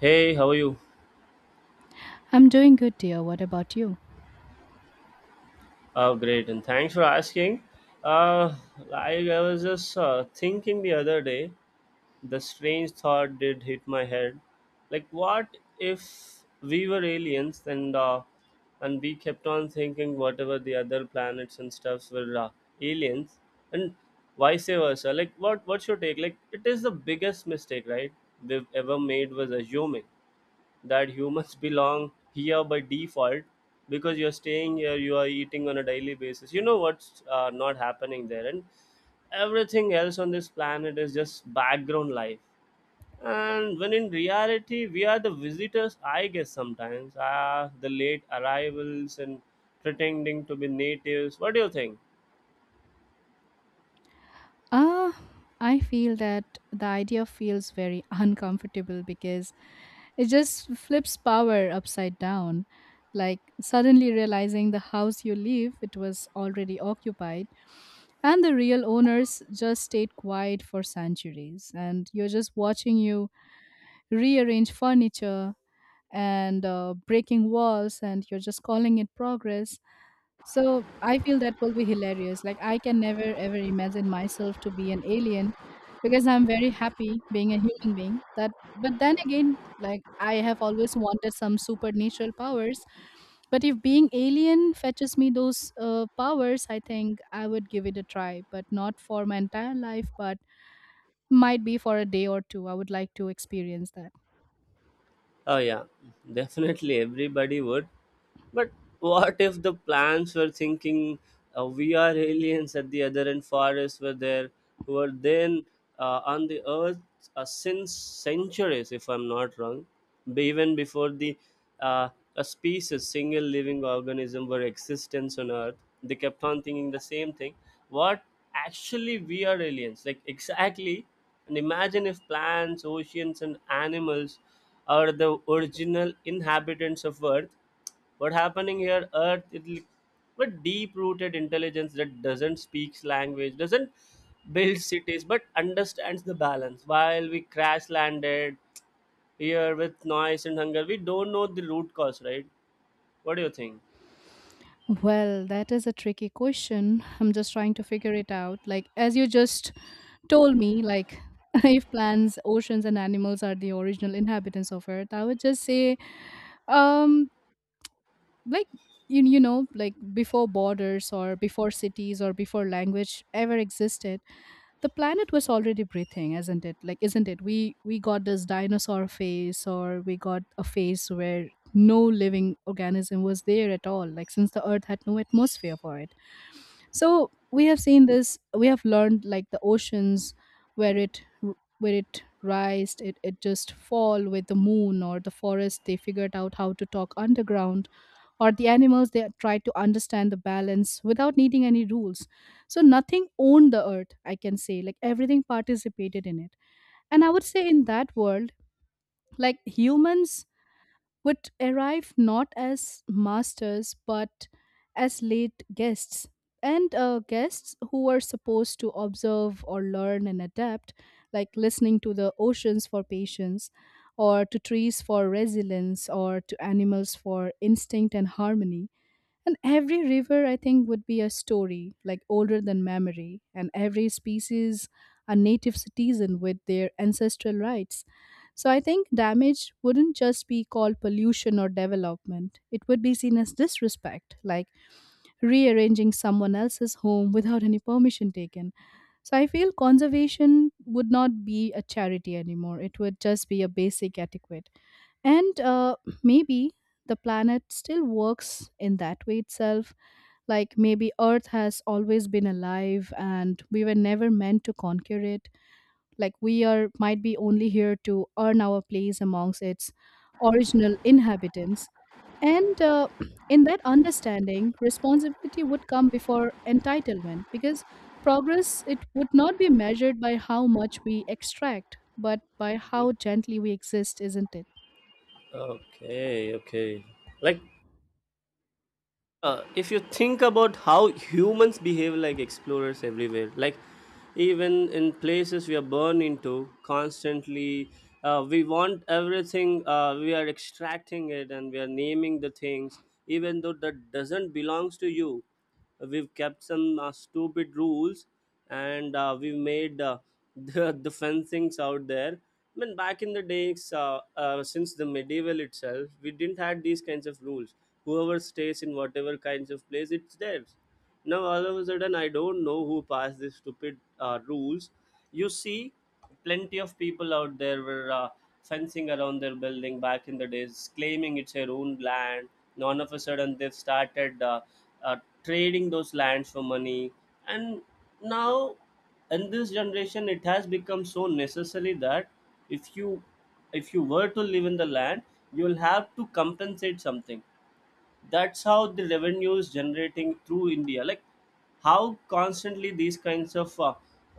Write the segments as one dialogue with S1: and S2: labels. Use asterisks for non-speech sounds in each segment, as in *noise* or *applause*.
S1: Hey, how are you?
S2: I'm doing good, dear. What about you?
S1: Great, and thanks for asking. Uh, I was just thinking the other day, the strange thought did hit my head. Like, what if we were aliens and we kept on thinking whatever the other planets and stuffs were aliens, and vice versa? Like, what's your take? Like, it is the biggest mistake, right, we've ever made was assuming that humans belong here by default, because you're staying here, you are eating on a daily basis, you know what's not happening there, and everything else on this planet is just background life. And when in reality we are the visitors, I guess sometimes the late arrivals and pretending to be natives. What do you think?
S2: Ah, I feel that the idea feels very *laughs* uncomfortable because it just flips power upside down. Like suddenly realizing the house you live, it was already occupied, and the real owners just stayed quiet for centuries. And you're just watching you rearrange furniture and breaking walls, and you're just calling it progress. So I feel that will be hilarious. Like I can never ever imagine myself to be an alien because I'm very happy being a human being. That, but then again, like I have always wanted some supernatural powers. But if being alien fetches me those powers, I think I would give it a try. But not for my entire life, but might be for a day or two. I would like to experience that.
S1: Oh, yeah, definitely everybody would. But what if the plants were thinking we are aliens? At the other end, forests were there, who were then on the earth since centuries, if I'm not wrong, even before the uh, a species, single living organism were existence on earth. They kept on thinking the same thing. What, actually we are aliens, like, exactly. And imagine if plants, oceans, and animals are the original inhabitants of Earth. What happening here earth, but deep rooted intelligence that doesn't speaks language, doesn't build cities, but understands the balance, while we crash landed here with noise and hunger. We don't know the root cause, right? What do you think?
S2: Well, that is a tricky question. I'm just trying to figure it out. Like, as you just told me, like *laughs* if plants, oceans and animals are the original inhabitants of earth, I would just say um like you know, like before borders or before cities or before language ever existed, the planet was already breathing, isn't it? Like, isn't it, we got this dinosaur phase, or we got a phase where no living organism was there at all, like since the earth had no atmosphere for it. So we have seen this, we have learned, like the oceans, where it rised, it just fall with the moon, or the forest, they figured out how to talk underground, or the animals, they try to understand the balance without needing any rules. So nothing owned the earth, I can say, like everything participated in it. And I would say in that world, like humans would arrive not as masters, but as late guests. And guests who were supposed to observe or learn and adapt, like listening to the oceans for patience, or to trees for resilience, or to animals for instinct and harmony. And every river, I think, would be a story, like older than memory, and every species a native citizen with their ancestral rights. So I think damage wouldn't just be called pollution or development, it would be seen as disrespect, like rearranging someone else's home without any permission taken. So I feel conservation would not be a charity anymore, it would just be a basic etiquette. And maybe the planet still works in that way itself, like maybe Earth has always been alive and we were never meant to conquer it. Like we are might be only here to earn our place amongst its original inhabitants. And *clears throat* in that understanding, responsibility would come before entitlement, because progress, it would not be measured by how much we extract, but by
S1: Mhm.
S2: how gently we exist, isn't it?
S1: Okay, okay, like, if you think about how humans behave like explorers everywhere, like even in places we are born into constantly, we want everything, we are extracting it and we are naming the things, even though that doesn't belongs to you. We've kept some stupid rules, and we've made *laughs* the fun things out there. I mean, back in the days, since the medieval itself, we didn't had these kinds of rules. Whoever stays in whatever kinds of place, it's theirs. Now all of a sudden, I don't know who passed these stupid rules. You see, plenty of people out there were fencing around their building back in the days, claiming it's their own land. And all of a sudden, they've started uh, trading those lands for money. And now, in this generation, it has become so necessary that if you, if you were to live in the land, you will have to compensate something. That's how the revenue is generating through India. Like, how constantly these kinds of uh,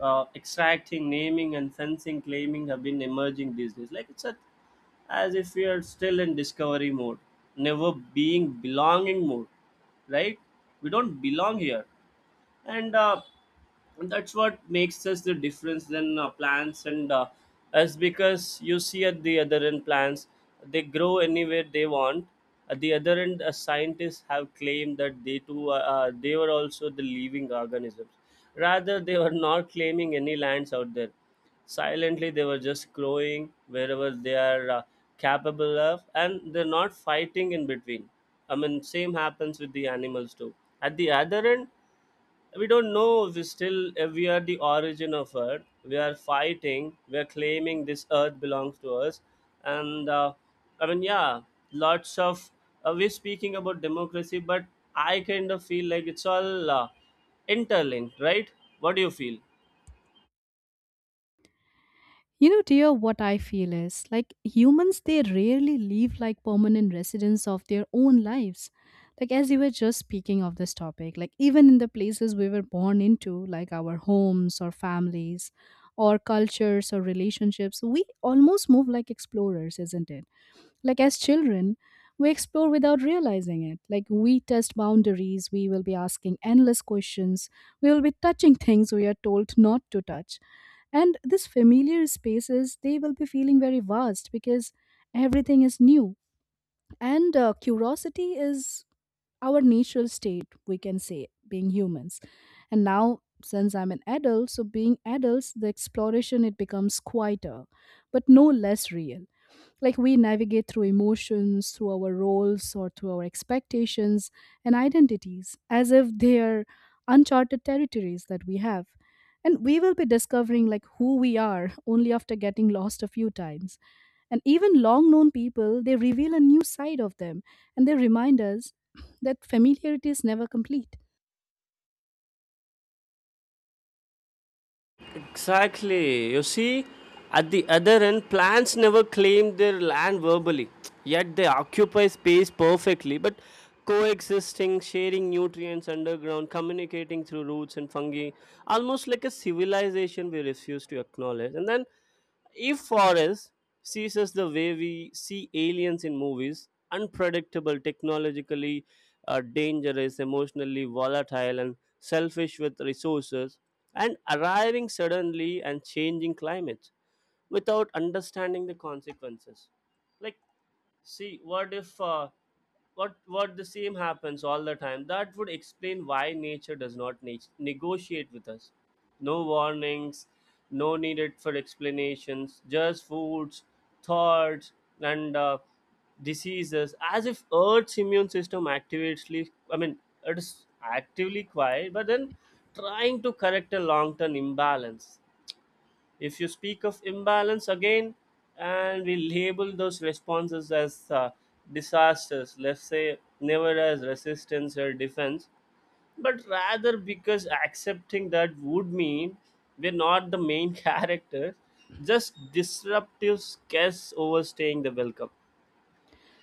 S1: uh, extracting, naming and fencing, claiming have been emerging these days. Like, it's a, as if we are still in discovery mode, never being belonging mode, right? We don't belong here. And that's what makes us the difference than plants, and as because you see, at the other end, plants, they grow anywhere they want. At the other end, scientists have claimed that they too, they were also the living organisms, rather they were not claiming any lands out there. Silently they were just growing wherever they are capable of, and they're not fighting in between. I mean, same happens with the animals too. At the other end, we don't know, we still we are the origin of earth, we are fighting, we are claiming this earth belongs to us. And I mean, yeah, lots of, we're speaking about democracy, but I kind of feel like it's all interlinked, right? What do you feel?
S2: You know, dear, what I feel is like humans, they rarely live like permanent residents of their own lives. Like, as you were just speaking of this topic, like, even in the places we were born into, like our homes or families or cultures or relationships, we almost move like explorers, isn't it? Like, as children, we explore without realizing it. Like we test boundaries, we will be asking endless questions, we will be touching things we are told not to touch, and these familiar spaces, they will be feeling very vast because everything is new. And curiosity is our natural state, we can say, being humans. And now, since I'm an adult, so being adults, the exploration, it becomes quieter, but no less real. Like we navigate through emotions, through our roles, or through our expectations and identities as if they are uncharted territories that we have. And we will be discovering like who we are only after getting lost a few times. And even long known people, they reveal a new side of them, and they remind us *clears throat* that familiarity is never complete.
S1: Exactly. You see, at the other end, plants never claim their land verbally, yet they occupy space perfectly. But coexisting, sharing nutrients underground, communicating through roots and fungi, almost like a civilization we refuse to acknowledge. And then, if forest sees us the way we see aliens in movies, unpredictable, technologically dangerous, emotionally volatile, and selfish with resources, and arriving suddenly and changing climates without understanding the consequences. Like, see, what if what the same happens all the time? That would explain why nature does not negotiate with us. No warnings, no needed for explanations, just foods, thoughts, and diseases. As if Earth's immune system actively, I mean, it is actively quiet, but then trying to correct a long-term imbalance. If you speak of imbalance again, and we label those responses as disasters, let's say, never as resistance or defense, but rather because accepting that would mean we're not the main *laughs* characters, just disruptive guests overstaying the welcome.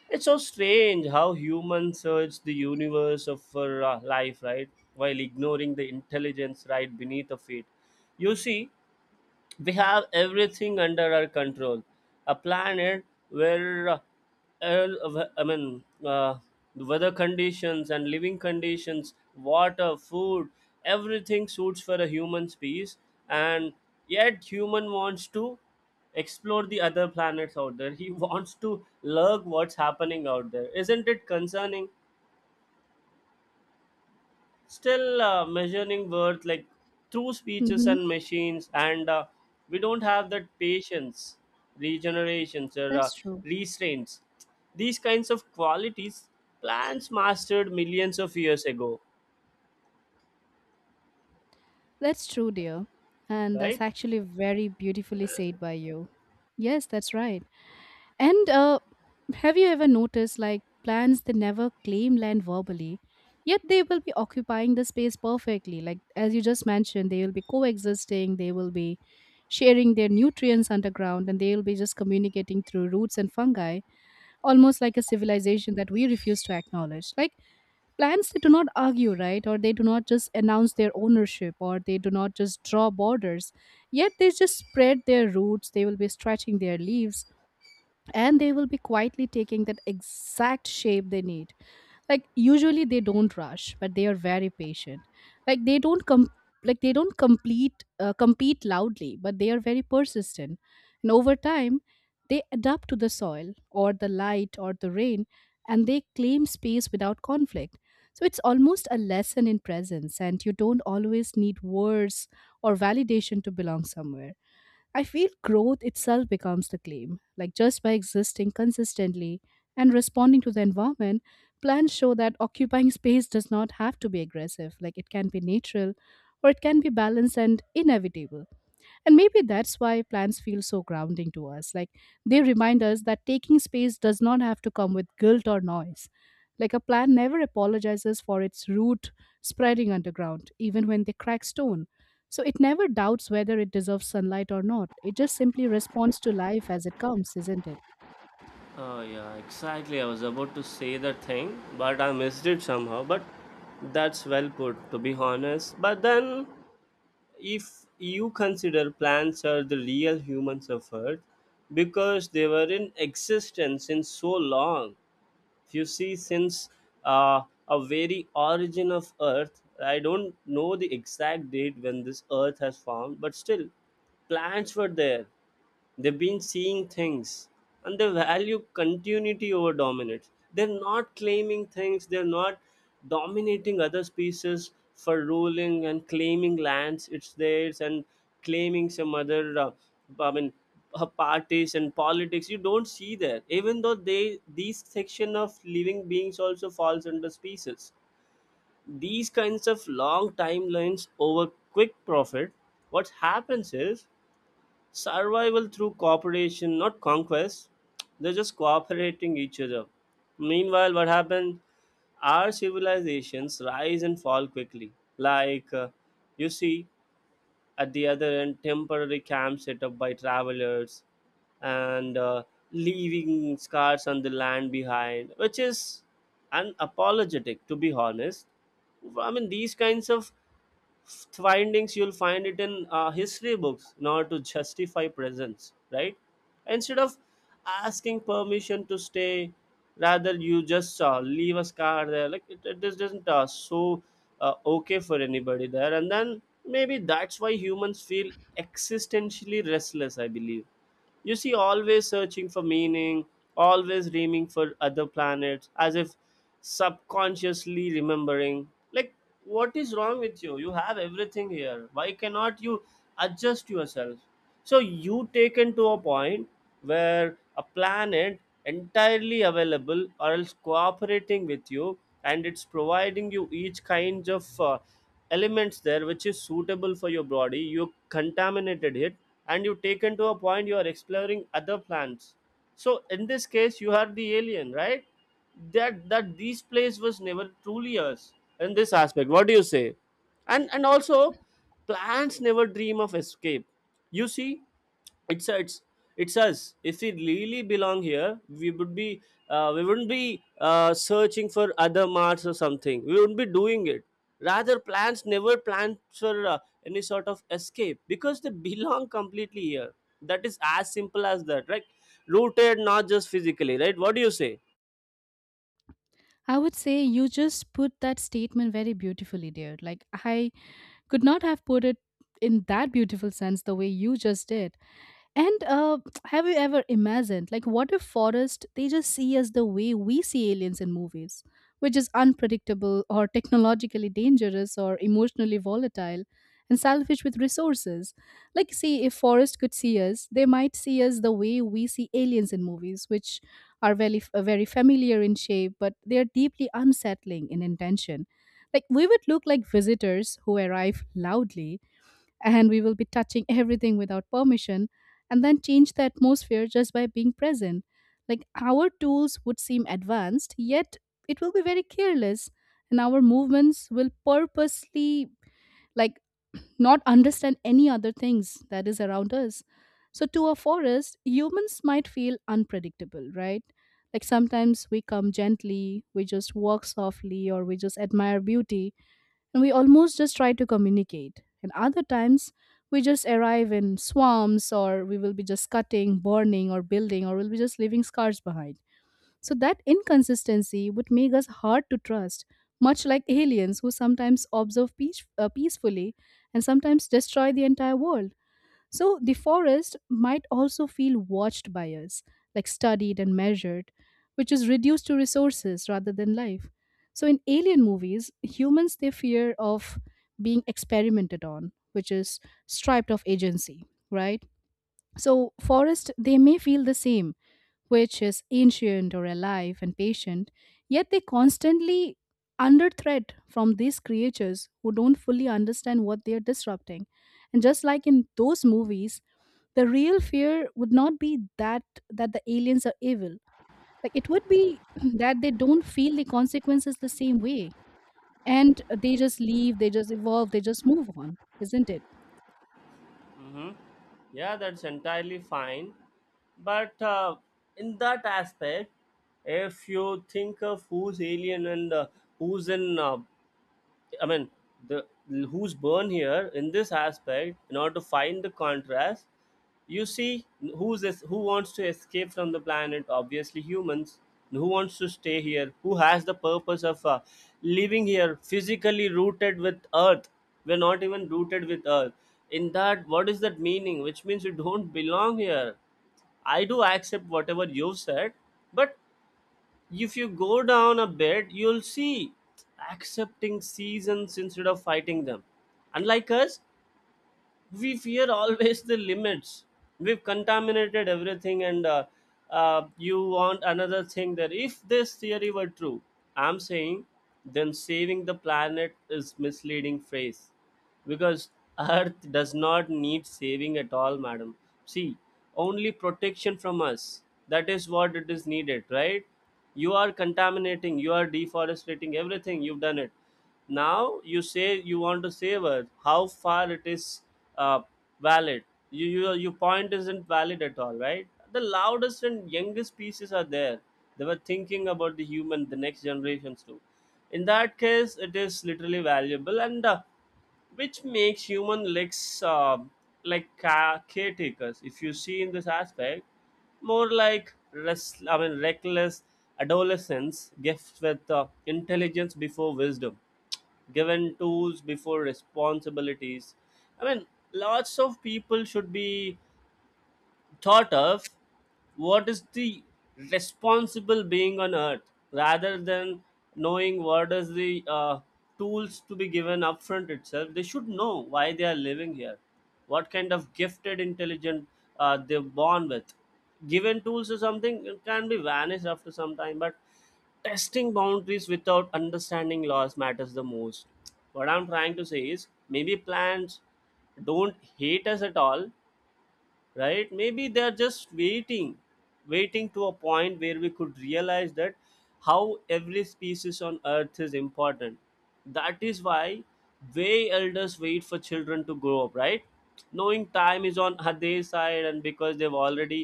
S1: It's so strange how humans search the universe of for life, right? While ignoring the intelligence right beneath of it. You see, we have everything under our control, a planet where el- i mean uh, the weather conditions and living conditions, water, food, everything suits for a human species. And yet human wants to explore the other planets out there. He *laughs* wants to lurk what's happening out there. Isn't it concerning? Still measuring worth like through speeches
S2: Hmm.
S1: and machines, and we don't have that patience, regenerations or
S2: That's true.
S1: restraints. These kinds of qualities plants mastered millions of years ago,
S2: That's true, dear. And that's
S1: right?
S2: actually very beautifully said by you. Yes, that's right. And have you ever noticed like plants that never claim land verbally, yet they will be occupying the space perfectly? Like, as you just mentioned, they will be coexisting, they will be sharing their nutrients underground, and they will be just communicating through roots and fungi, almost like a civilization that we refuse to acknowledge. Like plants, they do not argue, right? Or they do not just announce their ownership, or they do not just draw borders. Yet they just spread their roots. They will be stretching their leaves, and they will be quietly taking that exact shape they need. Like usually they don't rush, but they are very patient. like they don't com- like they don't complete compete loudly, but they are very persistent. And over time, they adapt to the soil or the light or the rain, and they claim space without conflict. So it's almost a lesson in presence, and you don't always need words or validation to belong somewhere. I feel growth itself becomes the claim. Like just by existing consistently and responding to the environment, plans show that occupying space does not have to be aggressive. Like it can be natural, or it can be balanced and inevitable. And maybe that's why plants feel so grounding to us. Like they remind us that taking space does not have to come with guilt or noise. Like a plant never apologizes for its root spreading underground, even when they crack stone. So it never doubts whether it deserves sunlight or not. It just simply responds to life as it comes, isn't it?
S1: Oh yeah, exactly. I was about to say that thing, but I missed it somehow. But that's well put, to be honest. But then, if you consider, plants are the real human suffered because they were in existence since so long. If you see, since a very origin of earth, I don't know the exact date when this earth has formed, but still plants were there. They've been seeing things, and they value continuity over dominance. They're not claiming things, they're not dominating other species for ruling and claiming lands it's theirs, and claiming some other i mean parties and politics, you don't see that, even though they, these section of living beings also falls under species. These kinds of long timelines over quick profit, what happens is survival through cooperation, not conquest. They're just cooperating each other. Meanwhile, what happened? Our civilizations rise and fall quickly. Like you see, at the other end, temporary camps set up by travelers, and leaving scars on the land behind, which is unapologetic, to be honest. I mean, these kinds of findings you'll find it in history books, in order to justify presence, right? Instead of asking permission to stay, rather you just leave a scar there. Like, it just doesn't so okay for anybody there. And then maybe that's why humans feel existentially restless, I believe. You see, always searching for meaning, always dreaming for other planets, as if subconsciously remembering. Like, what is wrong with you? You have everything here. Why cannot you adjust yourself? So, you taken to a point where a planet entirely available, or else cooperating with you, and it's providing you each kinds of elements there, which is suitable for your body, you contaminated it. And you taken to a point you are exploring other plants. So in this case, you are the alien, right? That, that this place was never truly us. In this aspect, what do you say? And also, plants never dream of escape. You see, it's it's it's us. If we really belong here, we would be we wouldn't be searching for other mars or something. We wouldn't be doing it. Rather, plants never plan for any sort of escape, because they *laughs* belong completely here. That is as simple as that, right? Rooted not just physically, right? What do you say?
S2: I would say you just put that statement very beautifully, dear. Like, I could not have put it in that beautiful sense the way you just did. And have you ever imagined, like, what if forest, they just see us the way we see aliens in movies, which is unpredictable, or technologically dangerous, or emotionally volatile, and selfish with resources? Like, see, if forest could see us, they might see us the way we see aliens in movies, which are very, very familiar in shape, but they are deeply unsettling in intention. Like, we would look like visitors who arrive loudly, and we will be touching everything without permission, and then change the atmosphere just by being present. Like our tools would seem advanced, yet it will be very careless, and our movements will purposely, like, not understand any other things that is around us. So to a forest, humans might feel unpredictable, right? Like sometimes we come gently, we just walk softly, or we just admire beauty, and we almost just try to communicate. And other times, we just arrive in swamps, or we will be just cutting, burning, or building, or we'll be just leaving scars behind. So, that inconsistency would make us hard to trust, much like aliens who sometimes observe peace, peacefully, and sometimes destroy the entire world. So the forest might also feel watched by us, like studied and measured, which is reduced to resources rather than life. So in alien movies, humans, they fear of being experimented on, which is stripped of agency, right? So, forest, they may feel the same, which is ancient or alive and patient, yet they constantly under threat from these creatures who don't fully understand what they are disrupting. And just like in those movies, the real fear would not be that that the aliens are evil. Like it would be *clears throat* that they don't feel the consequences the same way. And they just leave, they just evolve, they just move on, isn't it?
S1: Hmm, yeah, that's entirely fine. But in that aspect, if you think of who's alien, and who's in I mean, the who's born here in this aspect, in order to find the contrast, you see, who wants to escape from the planet. Obviously, humans. And who wants to stay here? Who has the purpose of living here, physically rooted with Earth? We're not even rooted with Earth. In that, what is that meaning? Which means you don't belong here. I do accept whatever you've said, but if you go down a bit, you'll see accepting seasons instead of fighting them. Unlike us, we fear always the limits. We've contaminated everything, and you want another thing that if this theory were true, I'm saying, then saving the planet is misleading phrase because *laughs* earth does not need saving at all, madam. See, only protection from us, that is what it is needed, right? You are contaminating, you are deforesting, everything you've done it. Now you say you want to save earth. How far it is uh, valid? You your point isn't valid at all, right? The loudest and youngest pieces are there. They were thinking about the human, the next generations too. In that case it is literally valuable, and which makes human legs like caretakers, if you see in this aspect. More like rest, I mean reckless adolescents gifts with intelligence before wisdom, given tools before responsibilities. I mean, lots of people should be thought of what is the responsible being on earth, rather than knowing what is the tools to be given upfront itself. They should know why they are living here, what kind of gifted intelligent they're born with. Given tools or something, it can be vanished after some time, but testing boundaries without understanding laws matters the most. What I'm trying to say is maybe plants don't hate us at all, right? Maybe they are just waiting, waiting to a point where we could realize that how every species on earth is important. That is why way elders wait for children to grow up, right? Knowing time is on *laughs* their side, and because they've already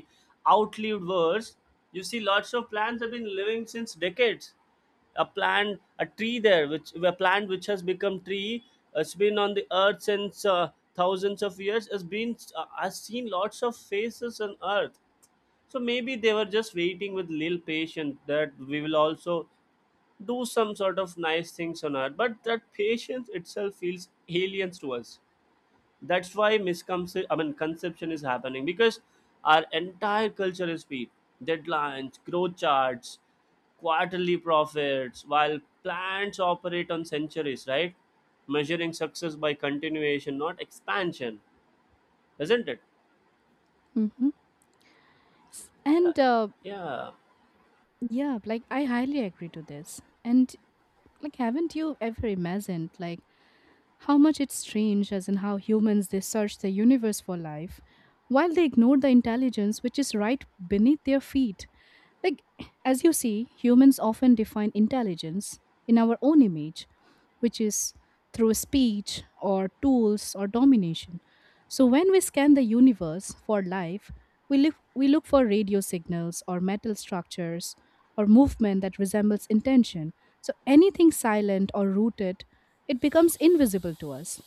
S1: outlived words. You see, lots of plants have been living since decades. A plant, a tree there, which a plant which has become tree, has been on the earth since thousands of years, has been has seen lots of faces on earth. So maybe they were just waiting with little patience that we will also do some sort of nice things on earth, but that patience itself feels aliens to us. That's why misconception I mean conception is happening, because our entire culture is speed, deadlines, growth charts, quarterly profits, while plants operate on centuries, right? Measuring success by continuation, not expansion, isn't it?
S2: Mhm.
S1: Yeah,
S2: And
S1: yeah.
S2: yeah, like I highly agree to this. And like, haven't you ever imagined like how much it's strange, as in how humans, they search the universe for life, while they ignore the intelligence which is right beneath their feet? Like, as you see, humans often define intelligence in our own image, which is through speech or tools or domination. So, when we scan the universe for life, we, live, we look for radio signals or metal structures or movement that resembles intention. So, anything silent or rooted, it becomes invisible to us.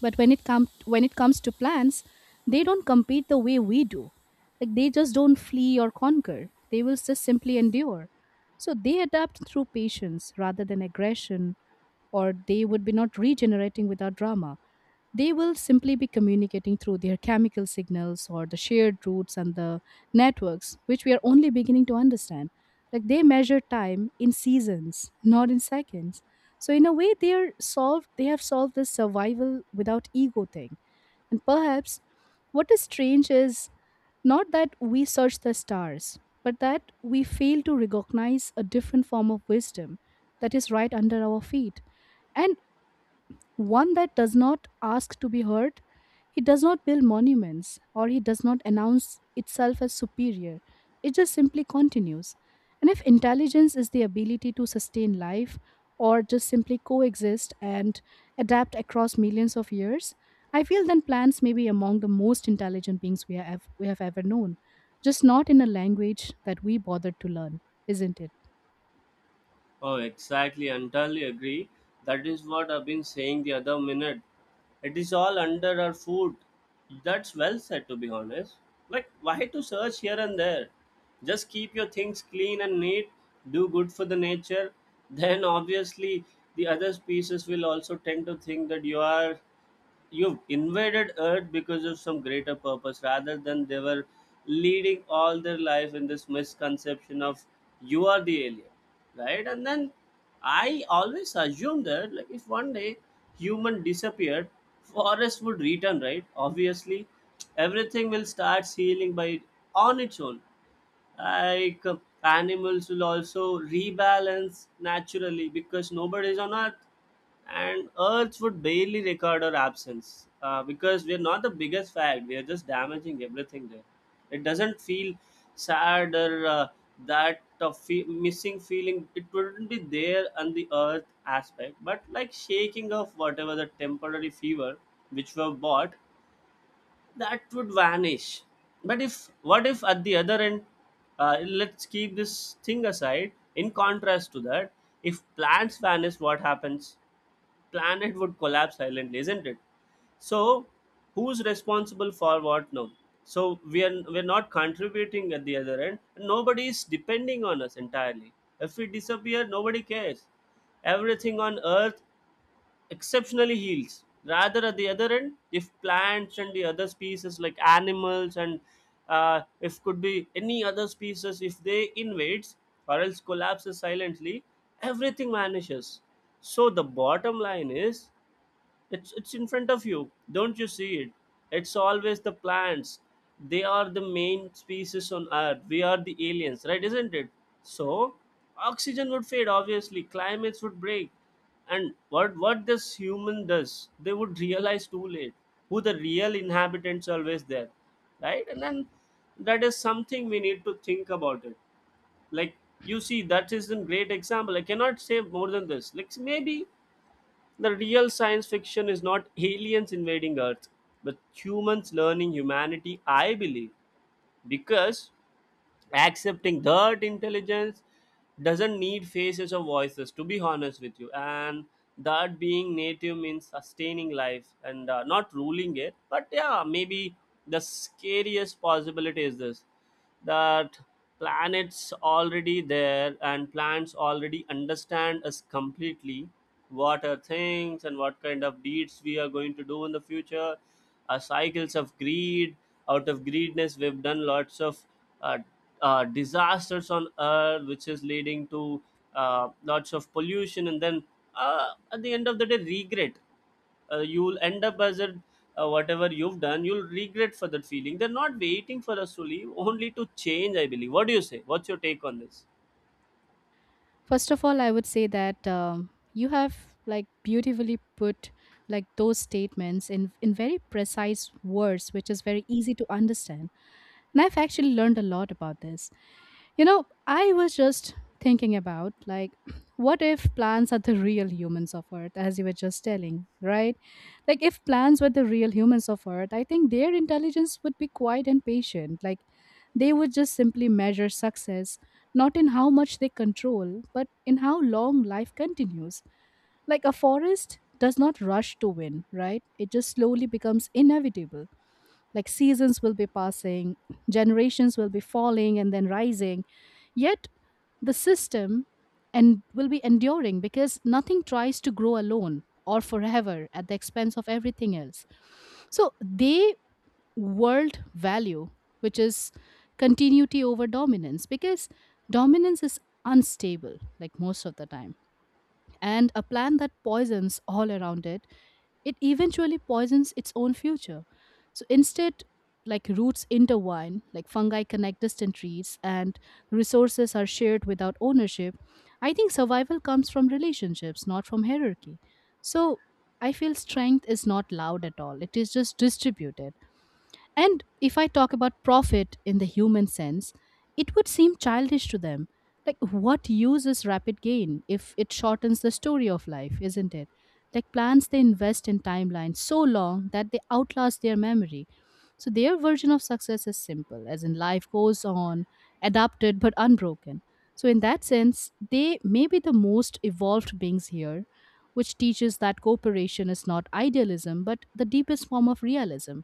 S2: But when it comes When it comes to plants, they don't compete the way we do. Like they just don't flee or conquer, they will just simply endure. So they adapt through patience rather than aggression, or they would be not regenerating without drama. They will simply be communicating through their chemical signals or the shared roots and the networks which we are only beginning to understand. Like they measure time in seasons, not in seconds. So in a way, they have solved this survival without ego thing. And perhaps what is strange is not that we search the stars, but that we fail to recognize a different form of wisdom that is right under our feet. And one that does not ask to be heard, he does not build monuments or he does not announce itself as superior. It just simply continues. And if intelligence is the ability to sustain life or just simply coexist and adapt across millions of years, I feel then plants may be among the most intelligent beings we have ever known, just not in a language that we bothered to learn, isn't it?
S1: Oh, exactly. Entirely agree. That is what I've been saying the other minute. It is all under our food. That's well said, to be honest. Like, why to search here and there? Just keep your things clean and neat, do good for the nature. *laughs* Then, obviously, the other species will also tend to think that you've invaded earth because of some greater purpose, rather than they were leading all their life in this misconception of you are the alien, right? And then I always assume that like if one day human disappeared, forest would return, right? Obviously everything will start healing by on its own. Like animals will also rebalance naturally because nobody's on earth, and earth would barely record our absence, because we're not the biggest fact, we're just damaging everything there. It doesn't feel sad or that of missing feeling, it wouldn't be there on the earth aspect, but like shaking off whatever the temporary fever which were bought, that would vanish. But if what if at the other end, let's keep this thing aside. In contrast to that, if plants vanish, what happens? Planet would collapse silently, isn't it? So who's responsible for what now? So we are, we're not contributing at the other end, nobody is depending on us entirely. If we disappear, nobody cares, everything on earth exceptionally heals. Rather, at the other end, if plants and the other species like animals and if could be any other species, if they invades or else collapses silently, everything vanishes. So the bottom line is, it's in front of you, don't you see it? It's always the plants, they are the main species on earth, we are the aliens, right? Isn't it? So oxygen would fade, obviously climates would break, and what this human does, they would realize too late who the real inhabitants always there, right? And then that is something we need to think about it. Like, you see, that is a great example. I cannot say more than this. Like maybe the real science fiction is not aliens invading Earth, but humans learning humanity, I believe, because accepting that intelligence doesn't need faces or voices, to be honest with you, and that being native means sustaining life and not ruling it. But yeah, maybe the scariest possibility is this, that planets already there and plants already understand us completely, what are things and what kind of deeds we are going to do in the future. Cycles of greed, out of greedness we've done lots of uh, disasters on earth, which is leading to lots of pollution, and then at the end of the day, regret. You'll end up as a whatever you've done, you'll regret for that feeling. They're not waiting for us to leave, only to change, I believe. What do you say, what's your take on this?
S2: First of all, I would say that you have like beautifully put like those statements in very precise words, which is very easy to understand. And I've actually learned a lot about this. You know, I was just thinking about like, *clears throat* what if plants are the real humans of Earth, as you were just telling, right? Like, if plants were the real humans of Earth, I think their intelligence would be quiet and patient. Like, they would just simply measure success, not in how much they control, but in how long life continues. Like, a forest does not rush to win, right? It just slowly becomes inevitable. Like seasons will be passing, generations will be falling and then rising. Yet the system and will be enduring because nothing tries to grow alone or forever at the expense of everything else. So they world value, which is continuity over dominance, because dominance is unstable, like most of the time, and a plant that poisons all around it, it eventually poisons its own future. So instead, like roots intertwine, like fungi connect distant trees and resources are shared without ownership, I think survival comes from relationships, not from hierarchy. So I feel strength is not loud at all, it is just distributed. And if I talk about profit in the human sense, it would seem childish to them. Like, what use is rapid gain if it shortens the story of life, isn't it? Like, plans they invest in timelines so long that they outlast their memory. So their version of success is simple, as in life goes on, adapted but unbroken. So, in that sense, they may be the most evolved beings here, which teaches that cooperation is not idealism but the deepest form of realism.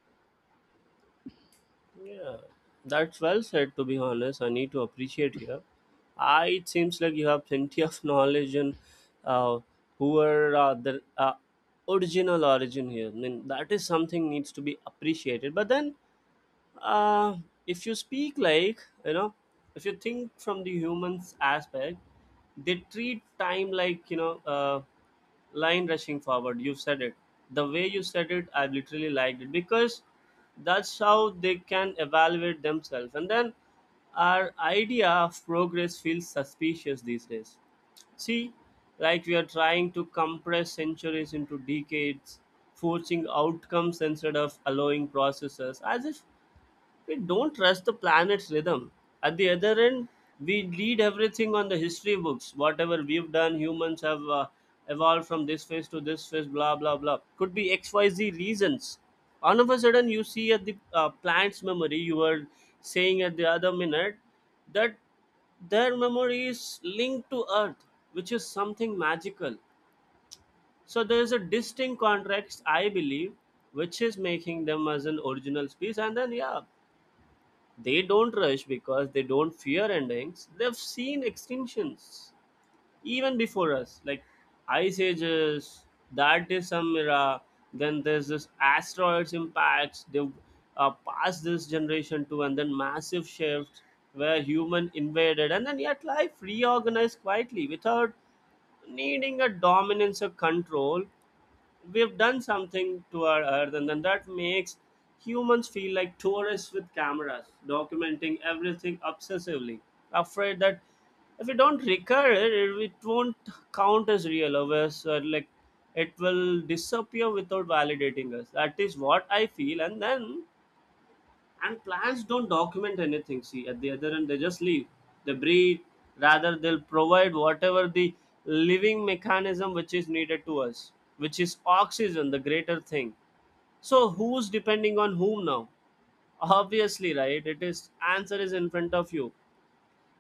S1: Yeah, that's well said. To be honest, I need to appreciate here. I It seems like you have plenty of *laughs* knowledge and uh, who are the original origin here. I mean, that is something needs to be appreciated. But then uh, if you speak like, you know, if you think from the humans aspect, they treat time like, you know, line rushing forward. You've said it. The way you said it, I literally liked it, because that's how they can evaluate themselves. And then our idea of progress feels suspicious these days. See, like we are trying to compress centuries into decades, forcing outcomes instead of allowing processes, as if we don't trust the planet's rhythm. At the other end, we read everything on the history books. Whatever we've done, humans have evolved from this phase to this phase, blah, blah, blah. Could be XYZ reasons. All of a sudden, you see at the plant's memory, you were saying at the other minute that their memory is linked to Earth, which is something magical. So there is a distinct context, I believe, which is making them as an original species. And then, yeah, they don't rush because they don't fear endings. They've seen extinctions even before us, like ice ages. That is some era. Then there's this asteroids impacts. They've passed this generation to, and then massive shifts where human invaded, and then yet life reorganized quietly without needing a dominance or control. We've done something to our earth, and then that makes humans feel like tourists with cameras documenting everything obsessively, afraid that if we don't record it, it won't count as real or as like it will disappear without validating us. That is what I feel. And then and plants don't document anything. See, at the other end, they just leave. They breathe. Rather, they'll provide whatever the living mechanism which is needed to us, which is oxygen, the greater thing. So who's depending on whom now? Obviously, right? It is answer is in front of you.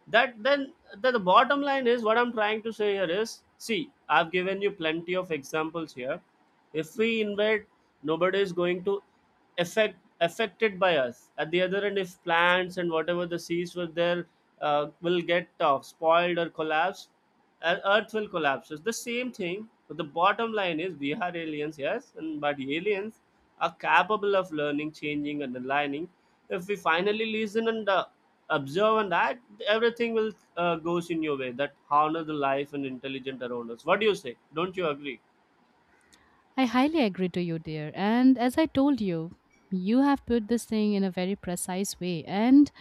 S1: That then the bottom line is what I'm trying to say here is, see, I've given you plenty of examples here. If we invade, nobody is going to affect affected by us. At the other end, if plants and whatever the seas were there will get spoiled or collapse, earth will collapse. It's the same thing. But the bottom line is we are aliens, yes, and but aliens are capable of learning, changing and aligning, if we finally listen and observe, and that everything will goes in your way that honor the life and intelligent around us. What do you say, don't you agree?
S2: I highly agree to you, dear. And as I told you, you have put this thing in a very precise way. And,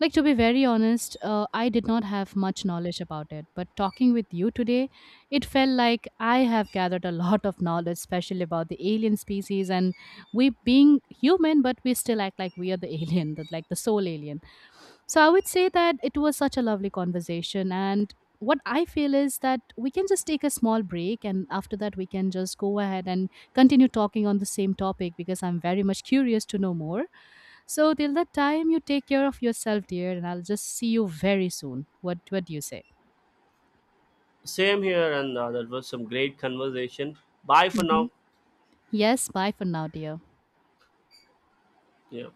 S2: like, to be very honest, I did not have much knowledge about it. But talking with you today, it felt like I have gathered a lot of knowledge, especially about the alien species. And we being human, but we still act like we are the *laughs* alien, the, like the sole alien. So I would say that it was such a lovely conversation. And what I feel is that we can just take a small break and after that we can just go ahead and continue talking on the same topic because I'm very much curious to know more. So till that time you take care of yourself, dear, and I'll just see you very soon. What do you say?
S1: Same here, and that was some great conversation. Bye for now.
S2: Mhm. Yes, bye for now, dear.
S1: Yeah.